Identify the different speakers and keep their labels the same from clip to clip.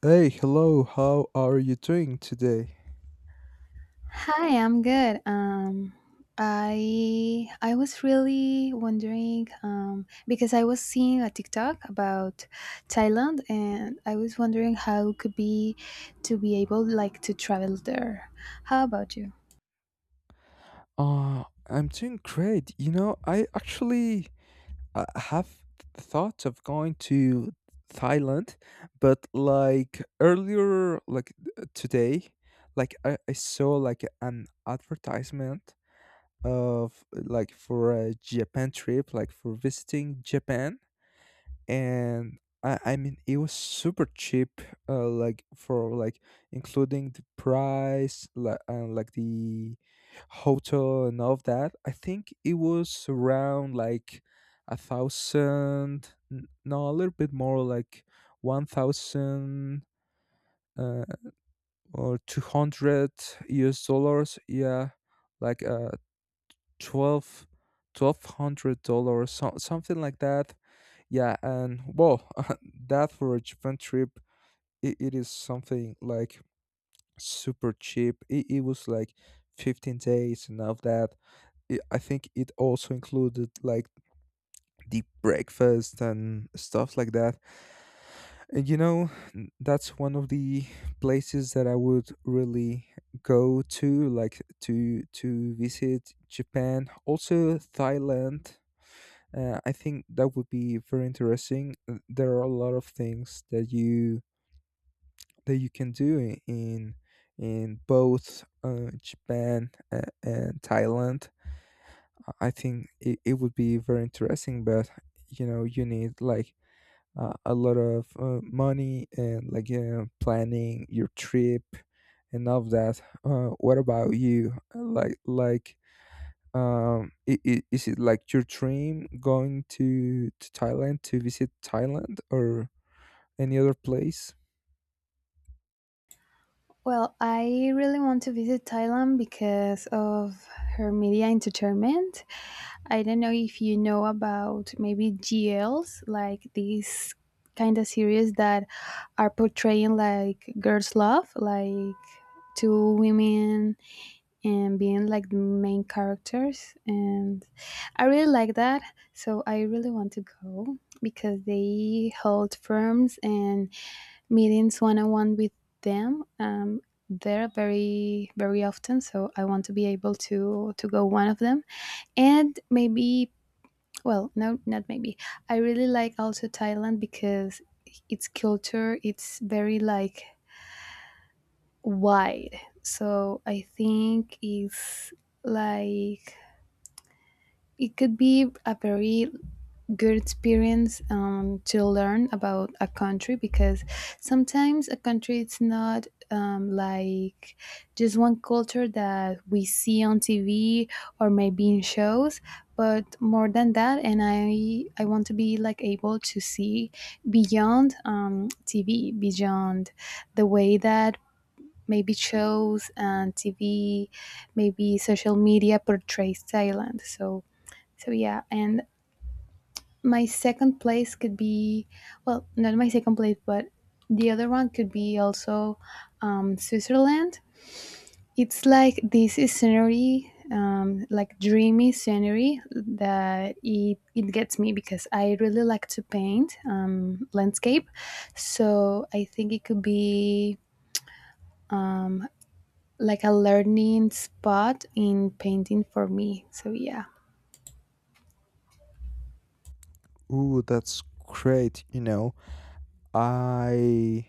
Speaker 1: Hey, hello, how are you doing today?
Speaker 2: Hi, I'm good. I was really wondering because I was seeing a TikTok about Thailand, and I was wondering how it could be to be able like to travel there. How about you?
Speaker 1: I'm doing great. You know, I actually have thoughts of going to Thailand, but like earlier, like today, like I saw like an advertisement of like for a Japan trip, like for visiting Japan, and I mean it was super cheap, like for like including the price, like and like the hotel and all of that. I think it was around like a thousand, no, a little bit more, like 1,000 uh, or 200 US dollars. Yeah, like 12 $1,200, so something like that. Yeah, and well, that for a Japan trip, it is something like super cheap. It was like 15 days, and of that I think it also included like the breakfast and stuff like that. And you know, that's one of the places that I would really go to, like to visit Japan. Also Thailand, I think that would be very interesting. There are a lot of things that you can do in both Japan and Thailand. I think it would be very interesting, but you know, you need like a lot of money, and like planning your trip and all of that. What about you? Like I is it like your dream going to Thailand to visit Thailand or any other place?
Speaker 2: Well, I really want to visit Thailand because of her media entertainment. I don't know if you know about maybe GLs, like these kind of series that are portraying like girls' love, like two women and being like the main characters. And I really like that. So I really want to go because they hold firms and meetings one on one with them. There very very often, so I want to be able to go one of them, and maybe well, no, not maybe. I really like also Thailand because its culture it's very like wide, so I think it's like it could be a very good experience to learn about a country because sometimes a country it's not like just one culture that we see on TV or maybe in shows but more than that, and I want to be like able to see beyond TV, beyond the way that maybe shows and TV, maybe social media, portrays Thailand. So yeah, and my second place could be, well, not my second place, but the other one could be also Switzerland. It's like this is scenery, like dreamy scenery that it gets me because I really like to paint landscape. So I think it could be um, like a learning spot in painting for me. So yeah.
Speaker 1: Ooh, that's great. You know, I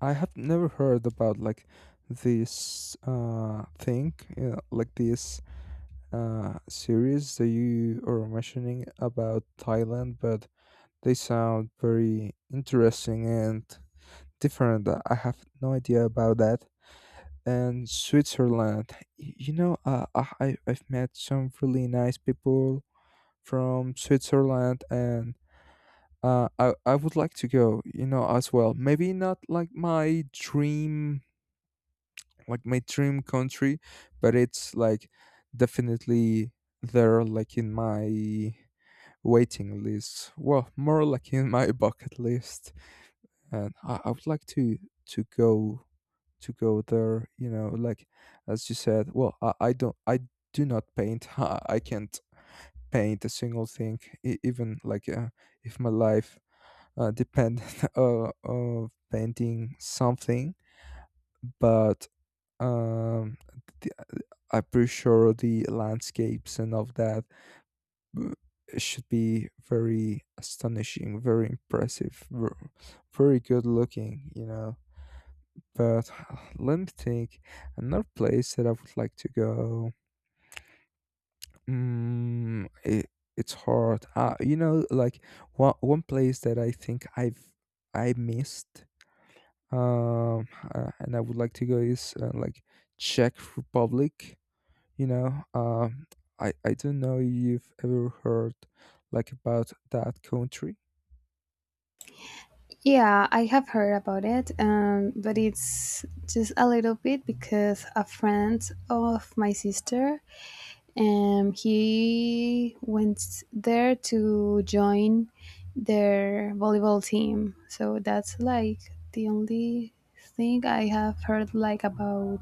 Speaker 1: I have never heard about like this thing, like this series that you are mentioning about Thailand, but they sound very interesting and different. I have no idea about that. And Switzerland. You know, I've met some really nice people from Switzerland, and I would like to go. You know, as well. Maybe not like my dream, like my dream country, but it's like definitely there, like in my waiting list. Well, more like in my bucket list, and I would like to to go to go there, you know, like as you said. Well, I don't, I do not paint. I can't paint a single thing, even like if my life depended of painting something. But um the, I'm pretty sure the landscapes and of that uh, should be very astonishing, very impressive, very good looking, you know. But let me think. Another place that I would like to go. Mm, it, it's hard. You know, like one place that I think I missed. Um, and I would like to go is like Czech Republic. You know, I don't know if you've ever heard like about that country.
Speaker 2: Yeah, I have heard about it, but it's just a little bit because a friend of my sister, he went there to join their volleyball team. So that's like the only thing I have heard like about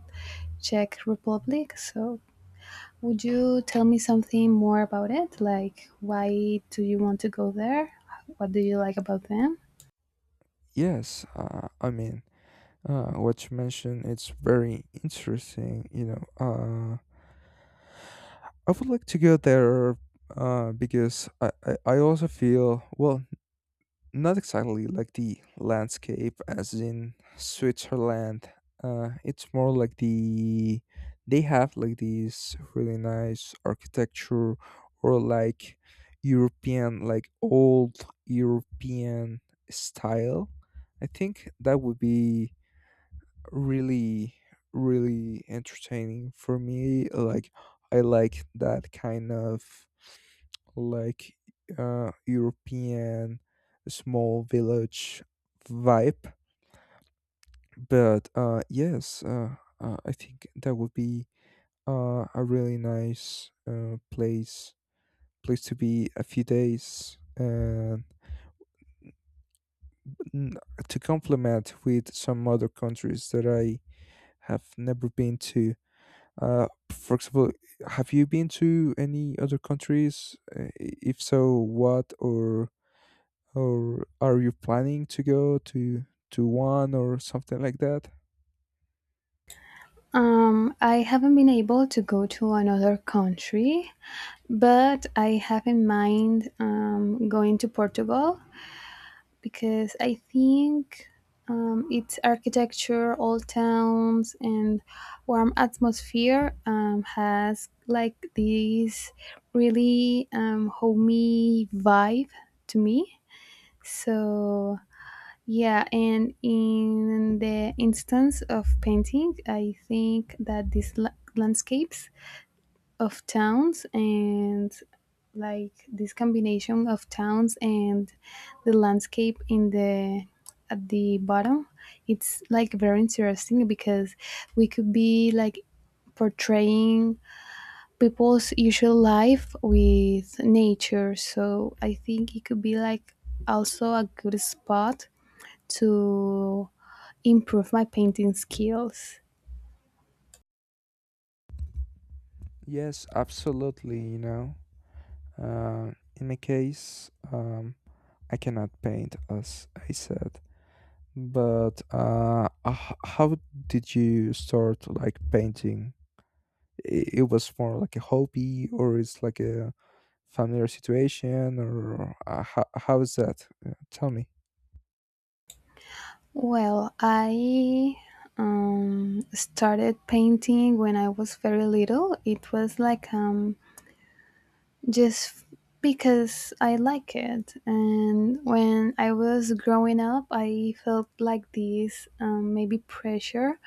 Speaker 2: Czech Republic. So would you tell me something more about it? Like why do you want to go there? What do you like about them?
Speaker 1: Yes, I mean, what you mentioned, it's very interesting. You know, I would like to go there, because I also feel, well, not exactly like the landscape as in Switzerland. It's more like they have like these really nice architecture, or like European, like old European style. I think that would be really, really entertaining for me. Like, I like that kind of like European small village vibe. But yes, I think that would be a really nice place to be a few days, and n- to complement with some other countries that I have never been to. For example, have you been to any other countries? If so, what, or are you planning to go to one or something like that?
Speaker 2: I haven't been able to go to another country, but I have in mind going to Portugal because I think its architecture, old towns, and warm atmosphere has like this really homey vibe to me. So yeah, and in the instance of painting, I think that these landscapes of towns and like this combination of towns and the landscape in the at the bottom, it's like very interesting because we could be like portraying people's usual life with nature. So I think it could be like also a good spot to improve my painting skills?
Speaker 1: Yes, absolutely. You know, in my case, I cannot paint, as I said. But how did you start like painting? It was more like a hobby, or it's like a familiar situation, or how is that? Tell me.
Speaker 2: Well, I started painting when I was very little. It was like just because I like it. And when I was growing up, I felt like this maybe pressure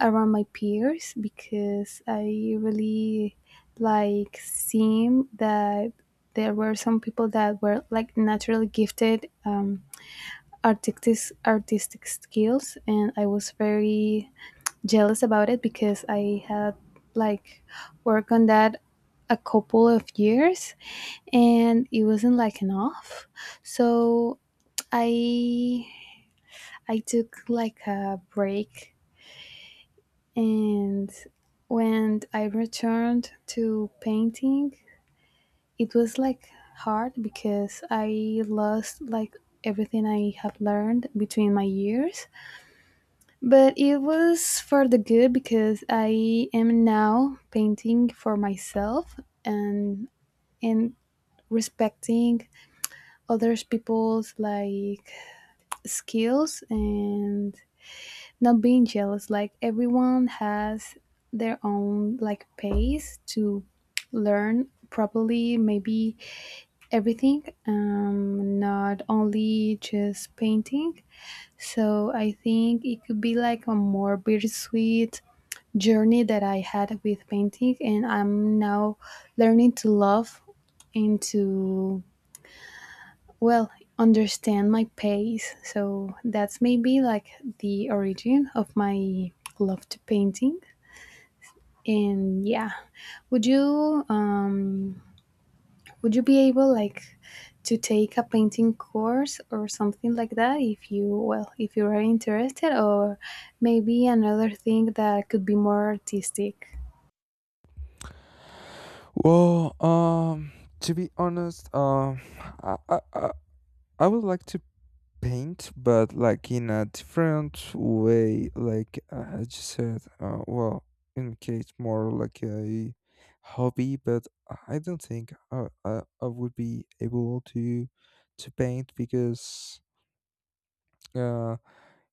Speaker 2: around my peers because I really like seeing that there were some people that were like naturally gifted artistic skills, and I was very jealous about it because I had like worked on that a couple of years and it wasn't like enough, so i I took like a break, and when I returned to painting it was like hard because I lost like everything I have learned between my years. But it was for the good because I am now painting for myself, and and respecting others people's like skills, and not being jealous. Like, everyone has their own like pace to learn properly, maybe everything, not only just painting. So I think it could be like a more bittersweet journey that I had with painting, and I'm now learning to love and to, well, understand my pace. So that's maybe like the origin of my love to painting. And yeah, would you um would you be able like to take a painting course or something like that, if you, well, if you are interested, or maybe another thing that could be more artistic?
Speaker 1: Well, to be honest, I, I, I I would like to paint, but like in a different way. Like I just said, well, in case more like a hobby. But I don't think I would be able to paint because uh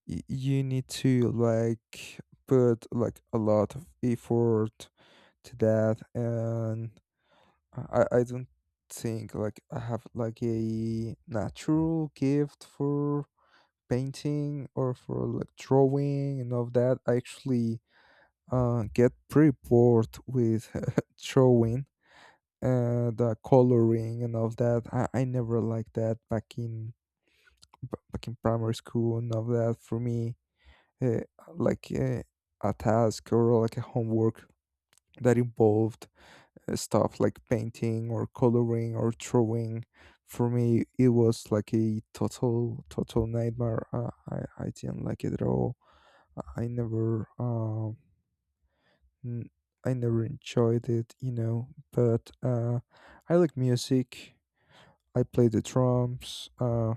Speaker 1: you need to like put like a lot of effort to that, and I don't think like I have like a natural gift for painting, or for like drawing and all that. I actually get pretty bored with drawing and coloring and all that. I never liked that back in back in primary school and all that. For me, uh, like a task or like a homework that involved stuff like painting or coloring or drawing, for me it was like a total nightmare. I didn't like it at all. I never n- I never enjoyed it, you know. But I like music. I play the drums.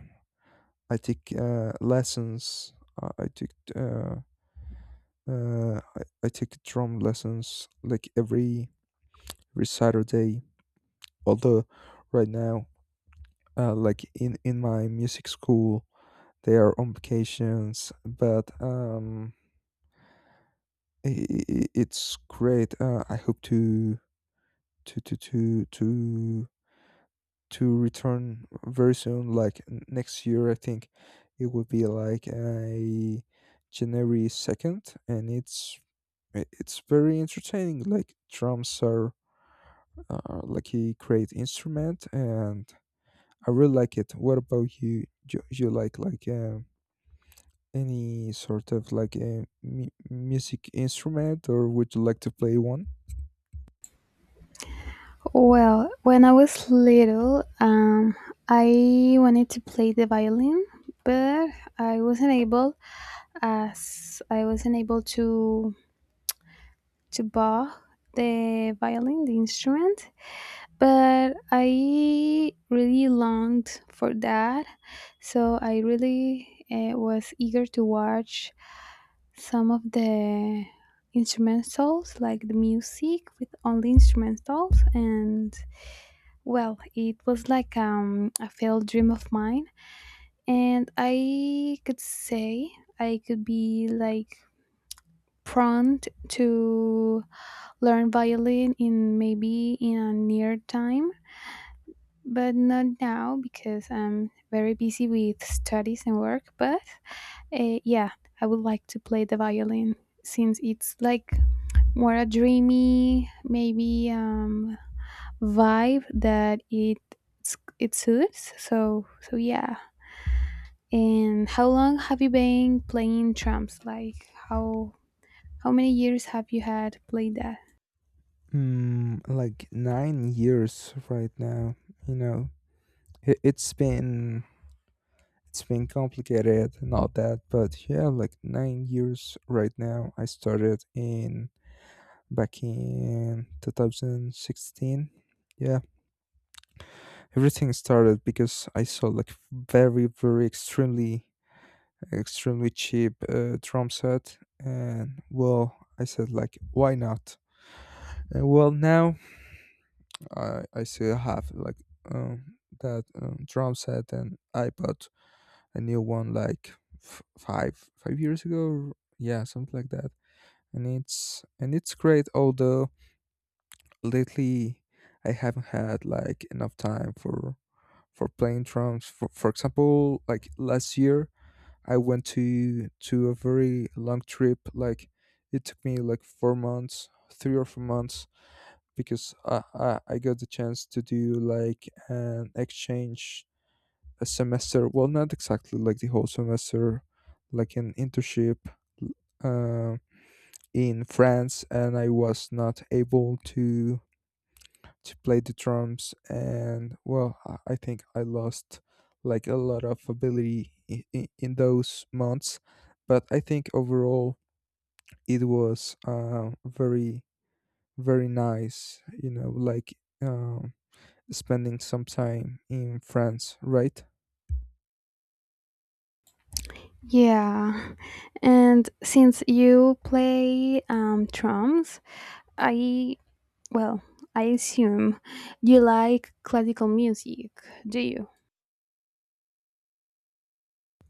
Speaker 1: I take lessons. Uh, I took uh I take drum lessons like every Saturday. Although right now like in my music school they are on vacations, but it's great. I hope to to to to to return very soon, like next year. I think it would be like a January 2nd, and it's very entertaining. Like drums are like a great instrument, and I really like it. What about you? Do you like any sort of like a mu- music instrument, or would you like to play one?
Speaker 2: Well, when I was little, I wanted to play the violin, but I wasn't able, as I wasn't able to buy the violin, the instrument. But I really longed for that, so I really was eager to watch some of the instrumentals, like the music with only instrumentals, and well, it was like a failed dream of mine, and I could say I could be like prompt to learn violin in, maybe, in a near time, but not now because I'm very busy with studies and work. But yeah, I would like to play the violin since it's like more a dreamy, maybe vibe that it suits. So yeah. And how long have you been playing drums? Like how many years have you had played that?
Speaker 1: Mm, like 9 years right now, you know. It's been complicated and all that, but yeah, like 9 years right now. I started in back in 2016. Yeah, everything started because I saw like very very extremely extremely cheap drum set, and well, I said like, why not. And well, now I still have, like um that drum set, and I bought a new one like five five years ago, yeah, something like that. And it's and it's great. Although lately I haven't had like enough time for playing drums. For for, example, like last year I went to a very long trip, like it took me like 4 months, 3 or 4 months, because I got the chance to do like an exchange, a semester, well, not exactly like the whole semester, like an internship uh, in France, and I was not able to play the drums. And well, I think I lost like a lot of ability in those months. But I think overall it was uh, very, very nice, you know, like um, spending some time in France, right?
Speaker 2: Yeah. And since you play drums, I well, I assume you like classical music, do you?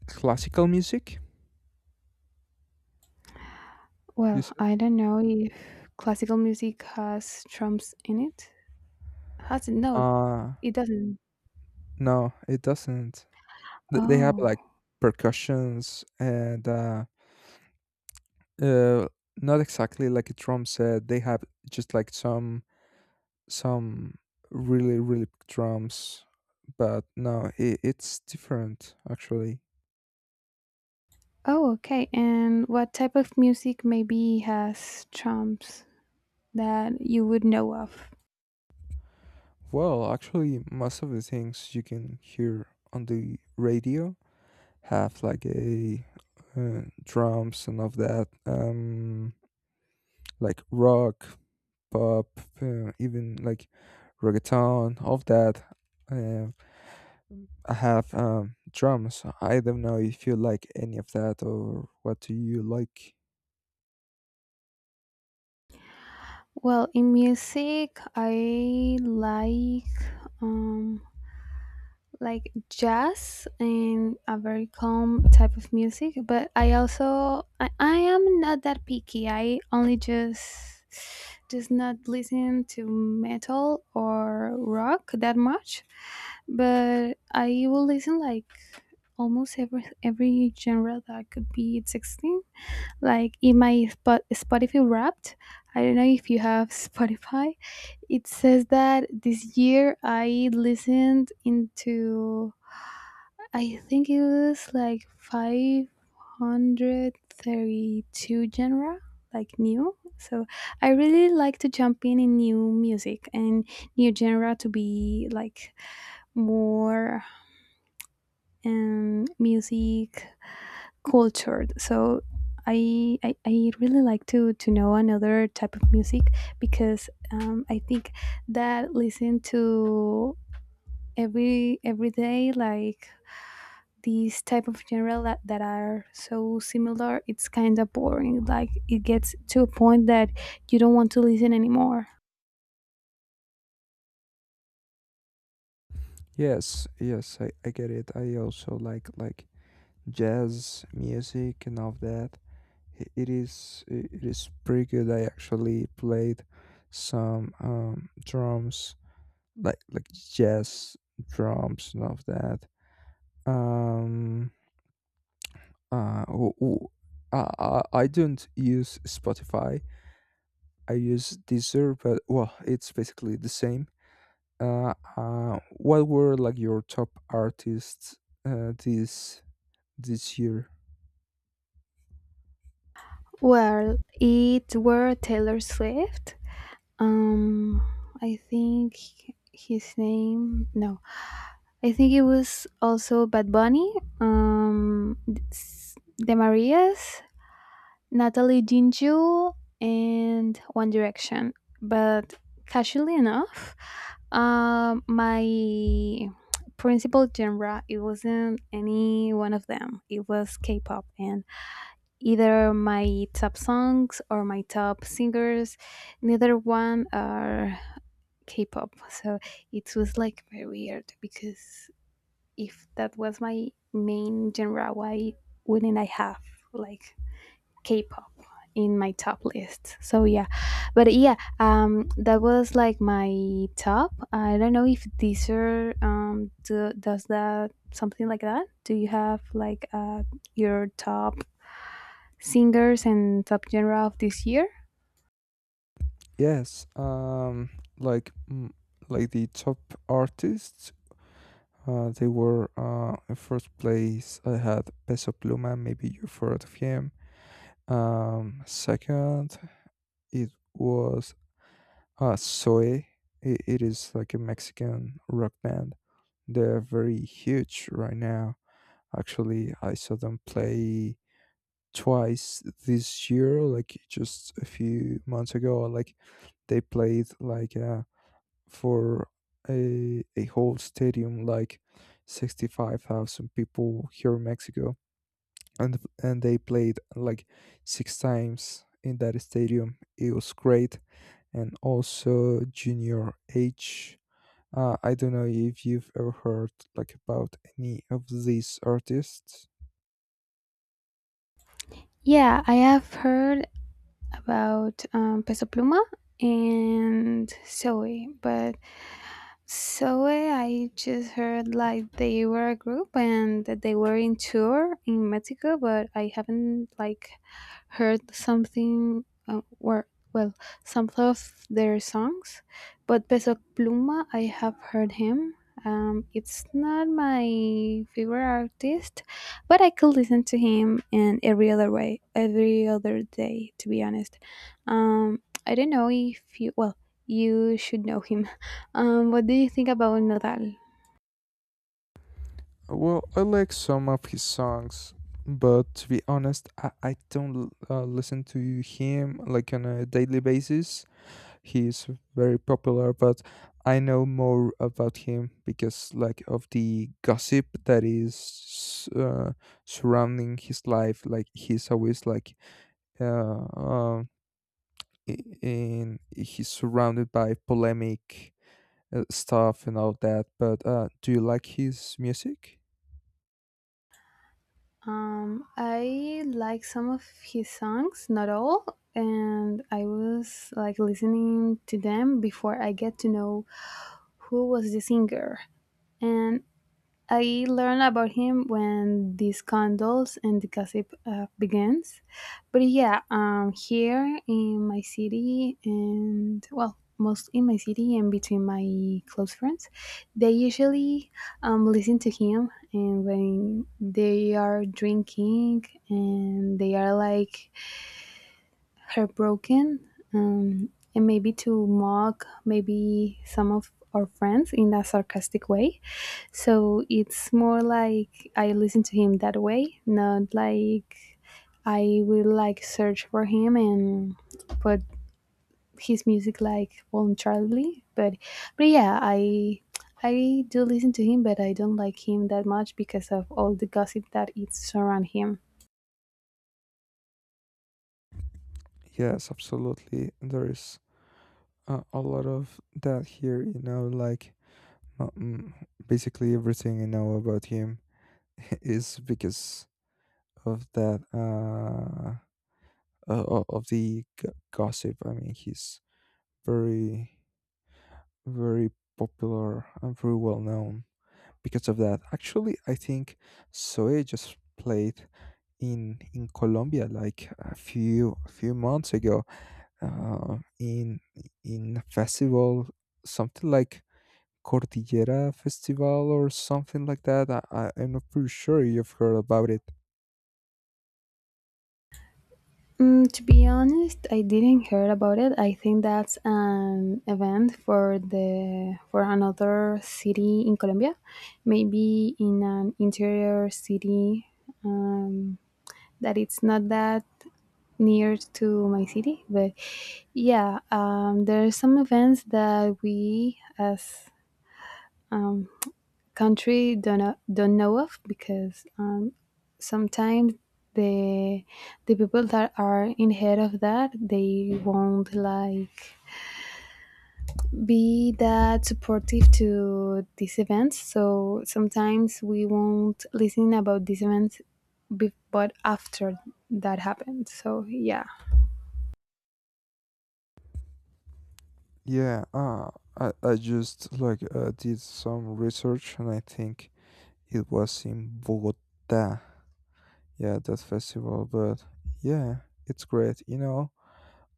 Speaker 1: Classical music, you
Speaker 2: Well,
Speaker 1: said?
Speaker 2: I don't know if classical music has drums in it. Has it? No,
Speaker 1: uh
Speaker 2: it doesn't.
Speaker 1: No, it doesn't. They have
Speaker 2: Oh.
Speaker 1: like percussions and uh, not exactly like a drum set. They have just like some really really big drums. But no, it's different actually.
Speaker 2: Oh, okay. And what type of music maybe has trumps that you would know of?
Speaker 1: Well, actually, most of the things you can hear on the radio have like a drums and of that, like rock, pop, even like reggaeton, all of that. Uh, I have drums. I don't know if you like any of that, or what do you like.
Speaker 2: Well, in music, I um like jazz and a very calm type of music, but I also I am not that picky. I only just not listen to metal or rock that much, but I will listen like almost every genre that could be it's existing. Like, in my Spotify Wrapped, I don't know if you have Spotify. It says that this year I listened into, I think, it was like 532 genre like new. So I really like to jump in new music and new genre to be like more music cultured. So I really like to know another type of music because I think that listen to every day like these type of genre that are so similar, it's kind of boring, like it gets to a point that you don't want to listen anymore.
Speaker 1: Yes, yes, I get it. I also like jazz music and all of that. It is pretty good. I actually played some drums, like jazz drums and all of that. Um, Uh, w- w- I don't use Spotify. I use Deezer, but well, it's basically the same. What were like your top artists uh, this this year?
Speaker 2: Well, it were Taylor Swift, um I think, his name, no, I think it was also Bad Bunny, um, The Marias, Natalie Ginju, and One Direction. But casually enough, my principal genre, it wasn't any one of them. It was K-pop, and either my top songs or my top singers, neither one are K-pop. So it was like very weird because, if that was my main genre, why wouldn't I have like K-pop in my top list? So yeah, but yeah, that was like my top. I don't know if Deezer does that something like that. Do you have like your top singers and top genre of this year?
Speaker 1: Yes, like like the top artists. They were in first place. I had Peso Pluma. Maybe you've heard of him. Second, it was Ah, Soy, I it is like a Mexican rock band. They're very huge right now. Actually, I saw them play twice this year, like just a few months ago. Like they played like for a whole stadium, like 65,000 people here in Mexico, and they played like six times in that stadium. It was great. And also Junior H. I don't know if you've ever heard like about any of these artists.
Speaker 2: Yeah, I have heard about Peso Pluma and Zoe, but so I just heard like they were a group and that they were in tour in Mexico, but I haven't like heard something, or well, some of their songs. But Peso Pluma, I have heard him. It's not my favorite artist, but I could listen to him in every other way, every other day. To be honest, um, I don't know if you, well, you should know him. What do you think about Nodal?
Speaker 1: Well, I like some of his songs, but to be honest, I don't listen to him like on a daily basis. He's very popular, but I know more about him because like of the gossip that is surrounding his life. Like he's always like uh, um, I- in he's surrounded by polemic stuff and all that. But do you like his music?
Speaker 2: I like some of his songs, not all, and I was like listening to them before I get to know who was the singer. And I learned about him when the scandals and the gossip begins. But yeah, here in my city, and well, most in my city and between my close friends, they usually listen to him. And when they are drinking and they are like heartbroken, and maybe to mock, maybe, some of our friends in a sarcastic way, so it's more like I listen to him that way, not like I will like search for him and put his music like voluntarily, but yeah, I do listen to him, but I don't like him that much because of all the gossip that is around him.
Speaker 1: Yes, absolutely. There is a lot of that here. You know, like uh, mm, basically everything I know about him is because of that. Of the gossip. I mean, he's very, very popular and very well known because of that. Actually, I think Zoe just played in Colombia, like a few months ago, uh, in in a festival, something like Cordillera Festival or something like that. I'm not pretty sure you've heard about it.
Speaker 2: To be honest, I didn't hear about it. I think that's an event for the for another city in Colombia, maybe in an interior city, um, that it's not that near to my city. But yeah, there are some events that we as country don't know of, because sometimes the the people that are in head of that, they won't like be that supportive to these events, so sometimes we won't listen about these events, but after that happened, so yeah.
Speaker 1: Yeah, I just like did some research, and I think it was in Bogota. Yeah, that festival, but yeah, it's great. You know,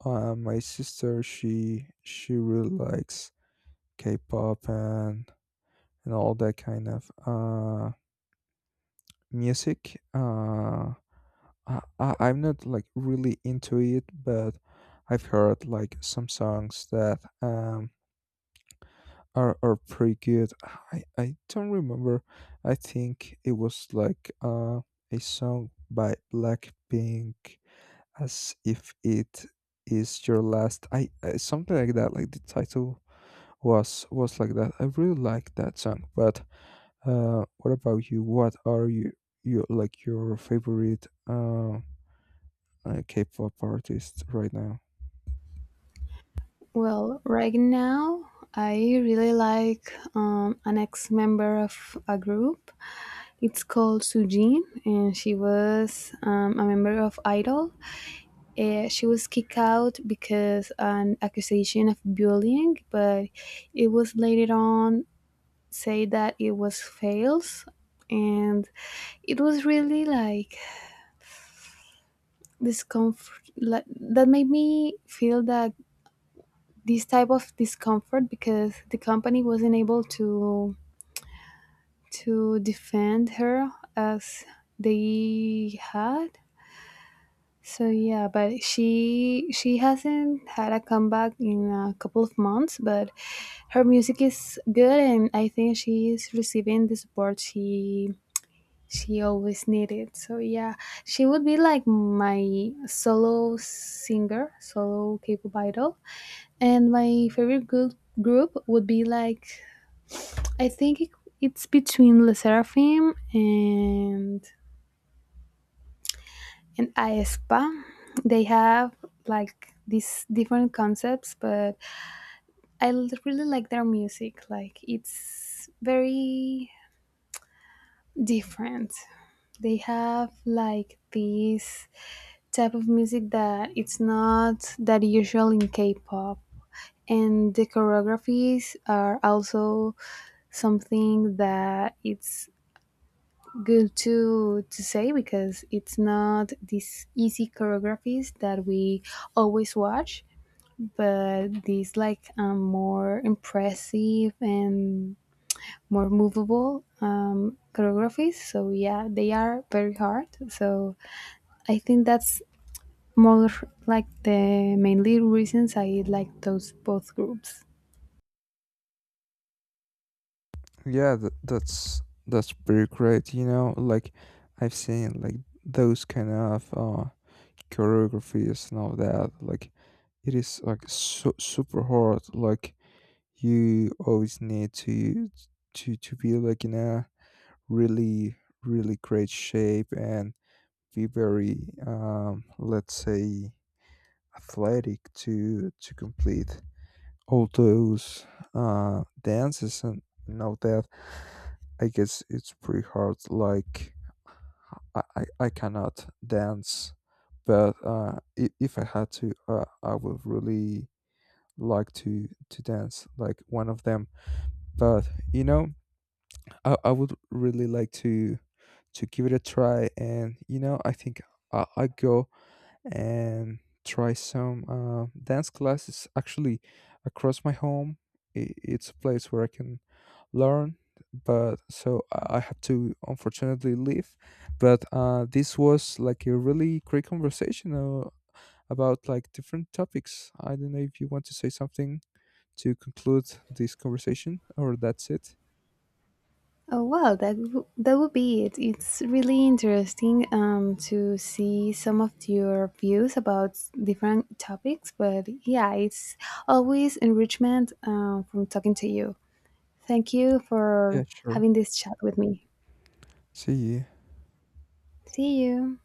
Speaker 1: My sister, she really likes K-pop, and all that kind of music. I'm not like really into it, but I've heard like some songs that are pretty good. I don't remember. I think it was like a song by Blackpink, as if it is your last. I something like that, like the title was like that. I really like that song. But what about you? What are you you like, your favorite K-pop artist right now?
Speaker 2: Well, right now, I really like an ex member of a group. It's called Sujin, and she was a member of Idol. She was kicked out because an accusation of bullying, but it was later on said that it was false, and it was really like discomfort. Like, that made me feel that this type of discomfort because the company wasn't able to defend her as they had. So yeah, but she hasn't had a comeback in a couple of months, but her music is good and I think she is receiving the support she always needed. So yeah, she would be like my solo singer, solo K-pop idol. And my favorite group would be like, I think, it's between Le Seraphim and Aespa. They have like these different concepts, but I really like their music. Like, it's very different. They have like this type of music that it's not that usual in K-pop, and the choreographies are also something that it's good to say, because it's not these easy choreographies that we always watch, but these like, more impressive and more movable, choreographies. So yeah, they are very hard, so I think that's more like the mainly reasons I like those both groups.
Speaker 1: Yeah, that's pretty great. You know, like I've seen like those kind of choreographies and all that. Like it is like super hard. Like you always need to be like in a really, really great shape, and be very, let's say, athletic to complete all those dances. And now that, I guess, it's pretty hard. Like I cannot dance, but if I had to, I would really like to dance like one of them. But you know, I would really like to give it a try, and you know, I think I go and try some dance classes. Actually, across my home, it's a place where I can learn. But so I have to unfortunately leave. But this was like a really great conversation about like different topics. I don't know if you want to say something to conclude this conversation, or that's it.
Speaker 2: Oh wow, that that would be it. It's really interesting to see some of your views about different topics. But yeah, it's always enrichment from talking to you. Thank you
Speaker 1: Yeah,
Speaker 2: for
Speaker 1: sure.
Speaker 2: having this chat with me.
Speaker 1: See you.
Speaker 2: See you.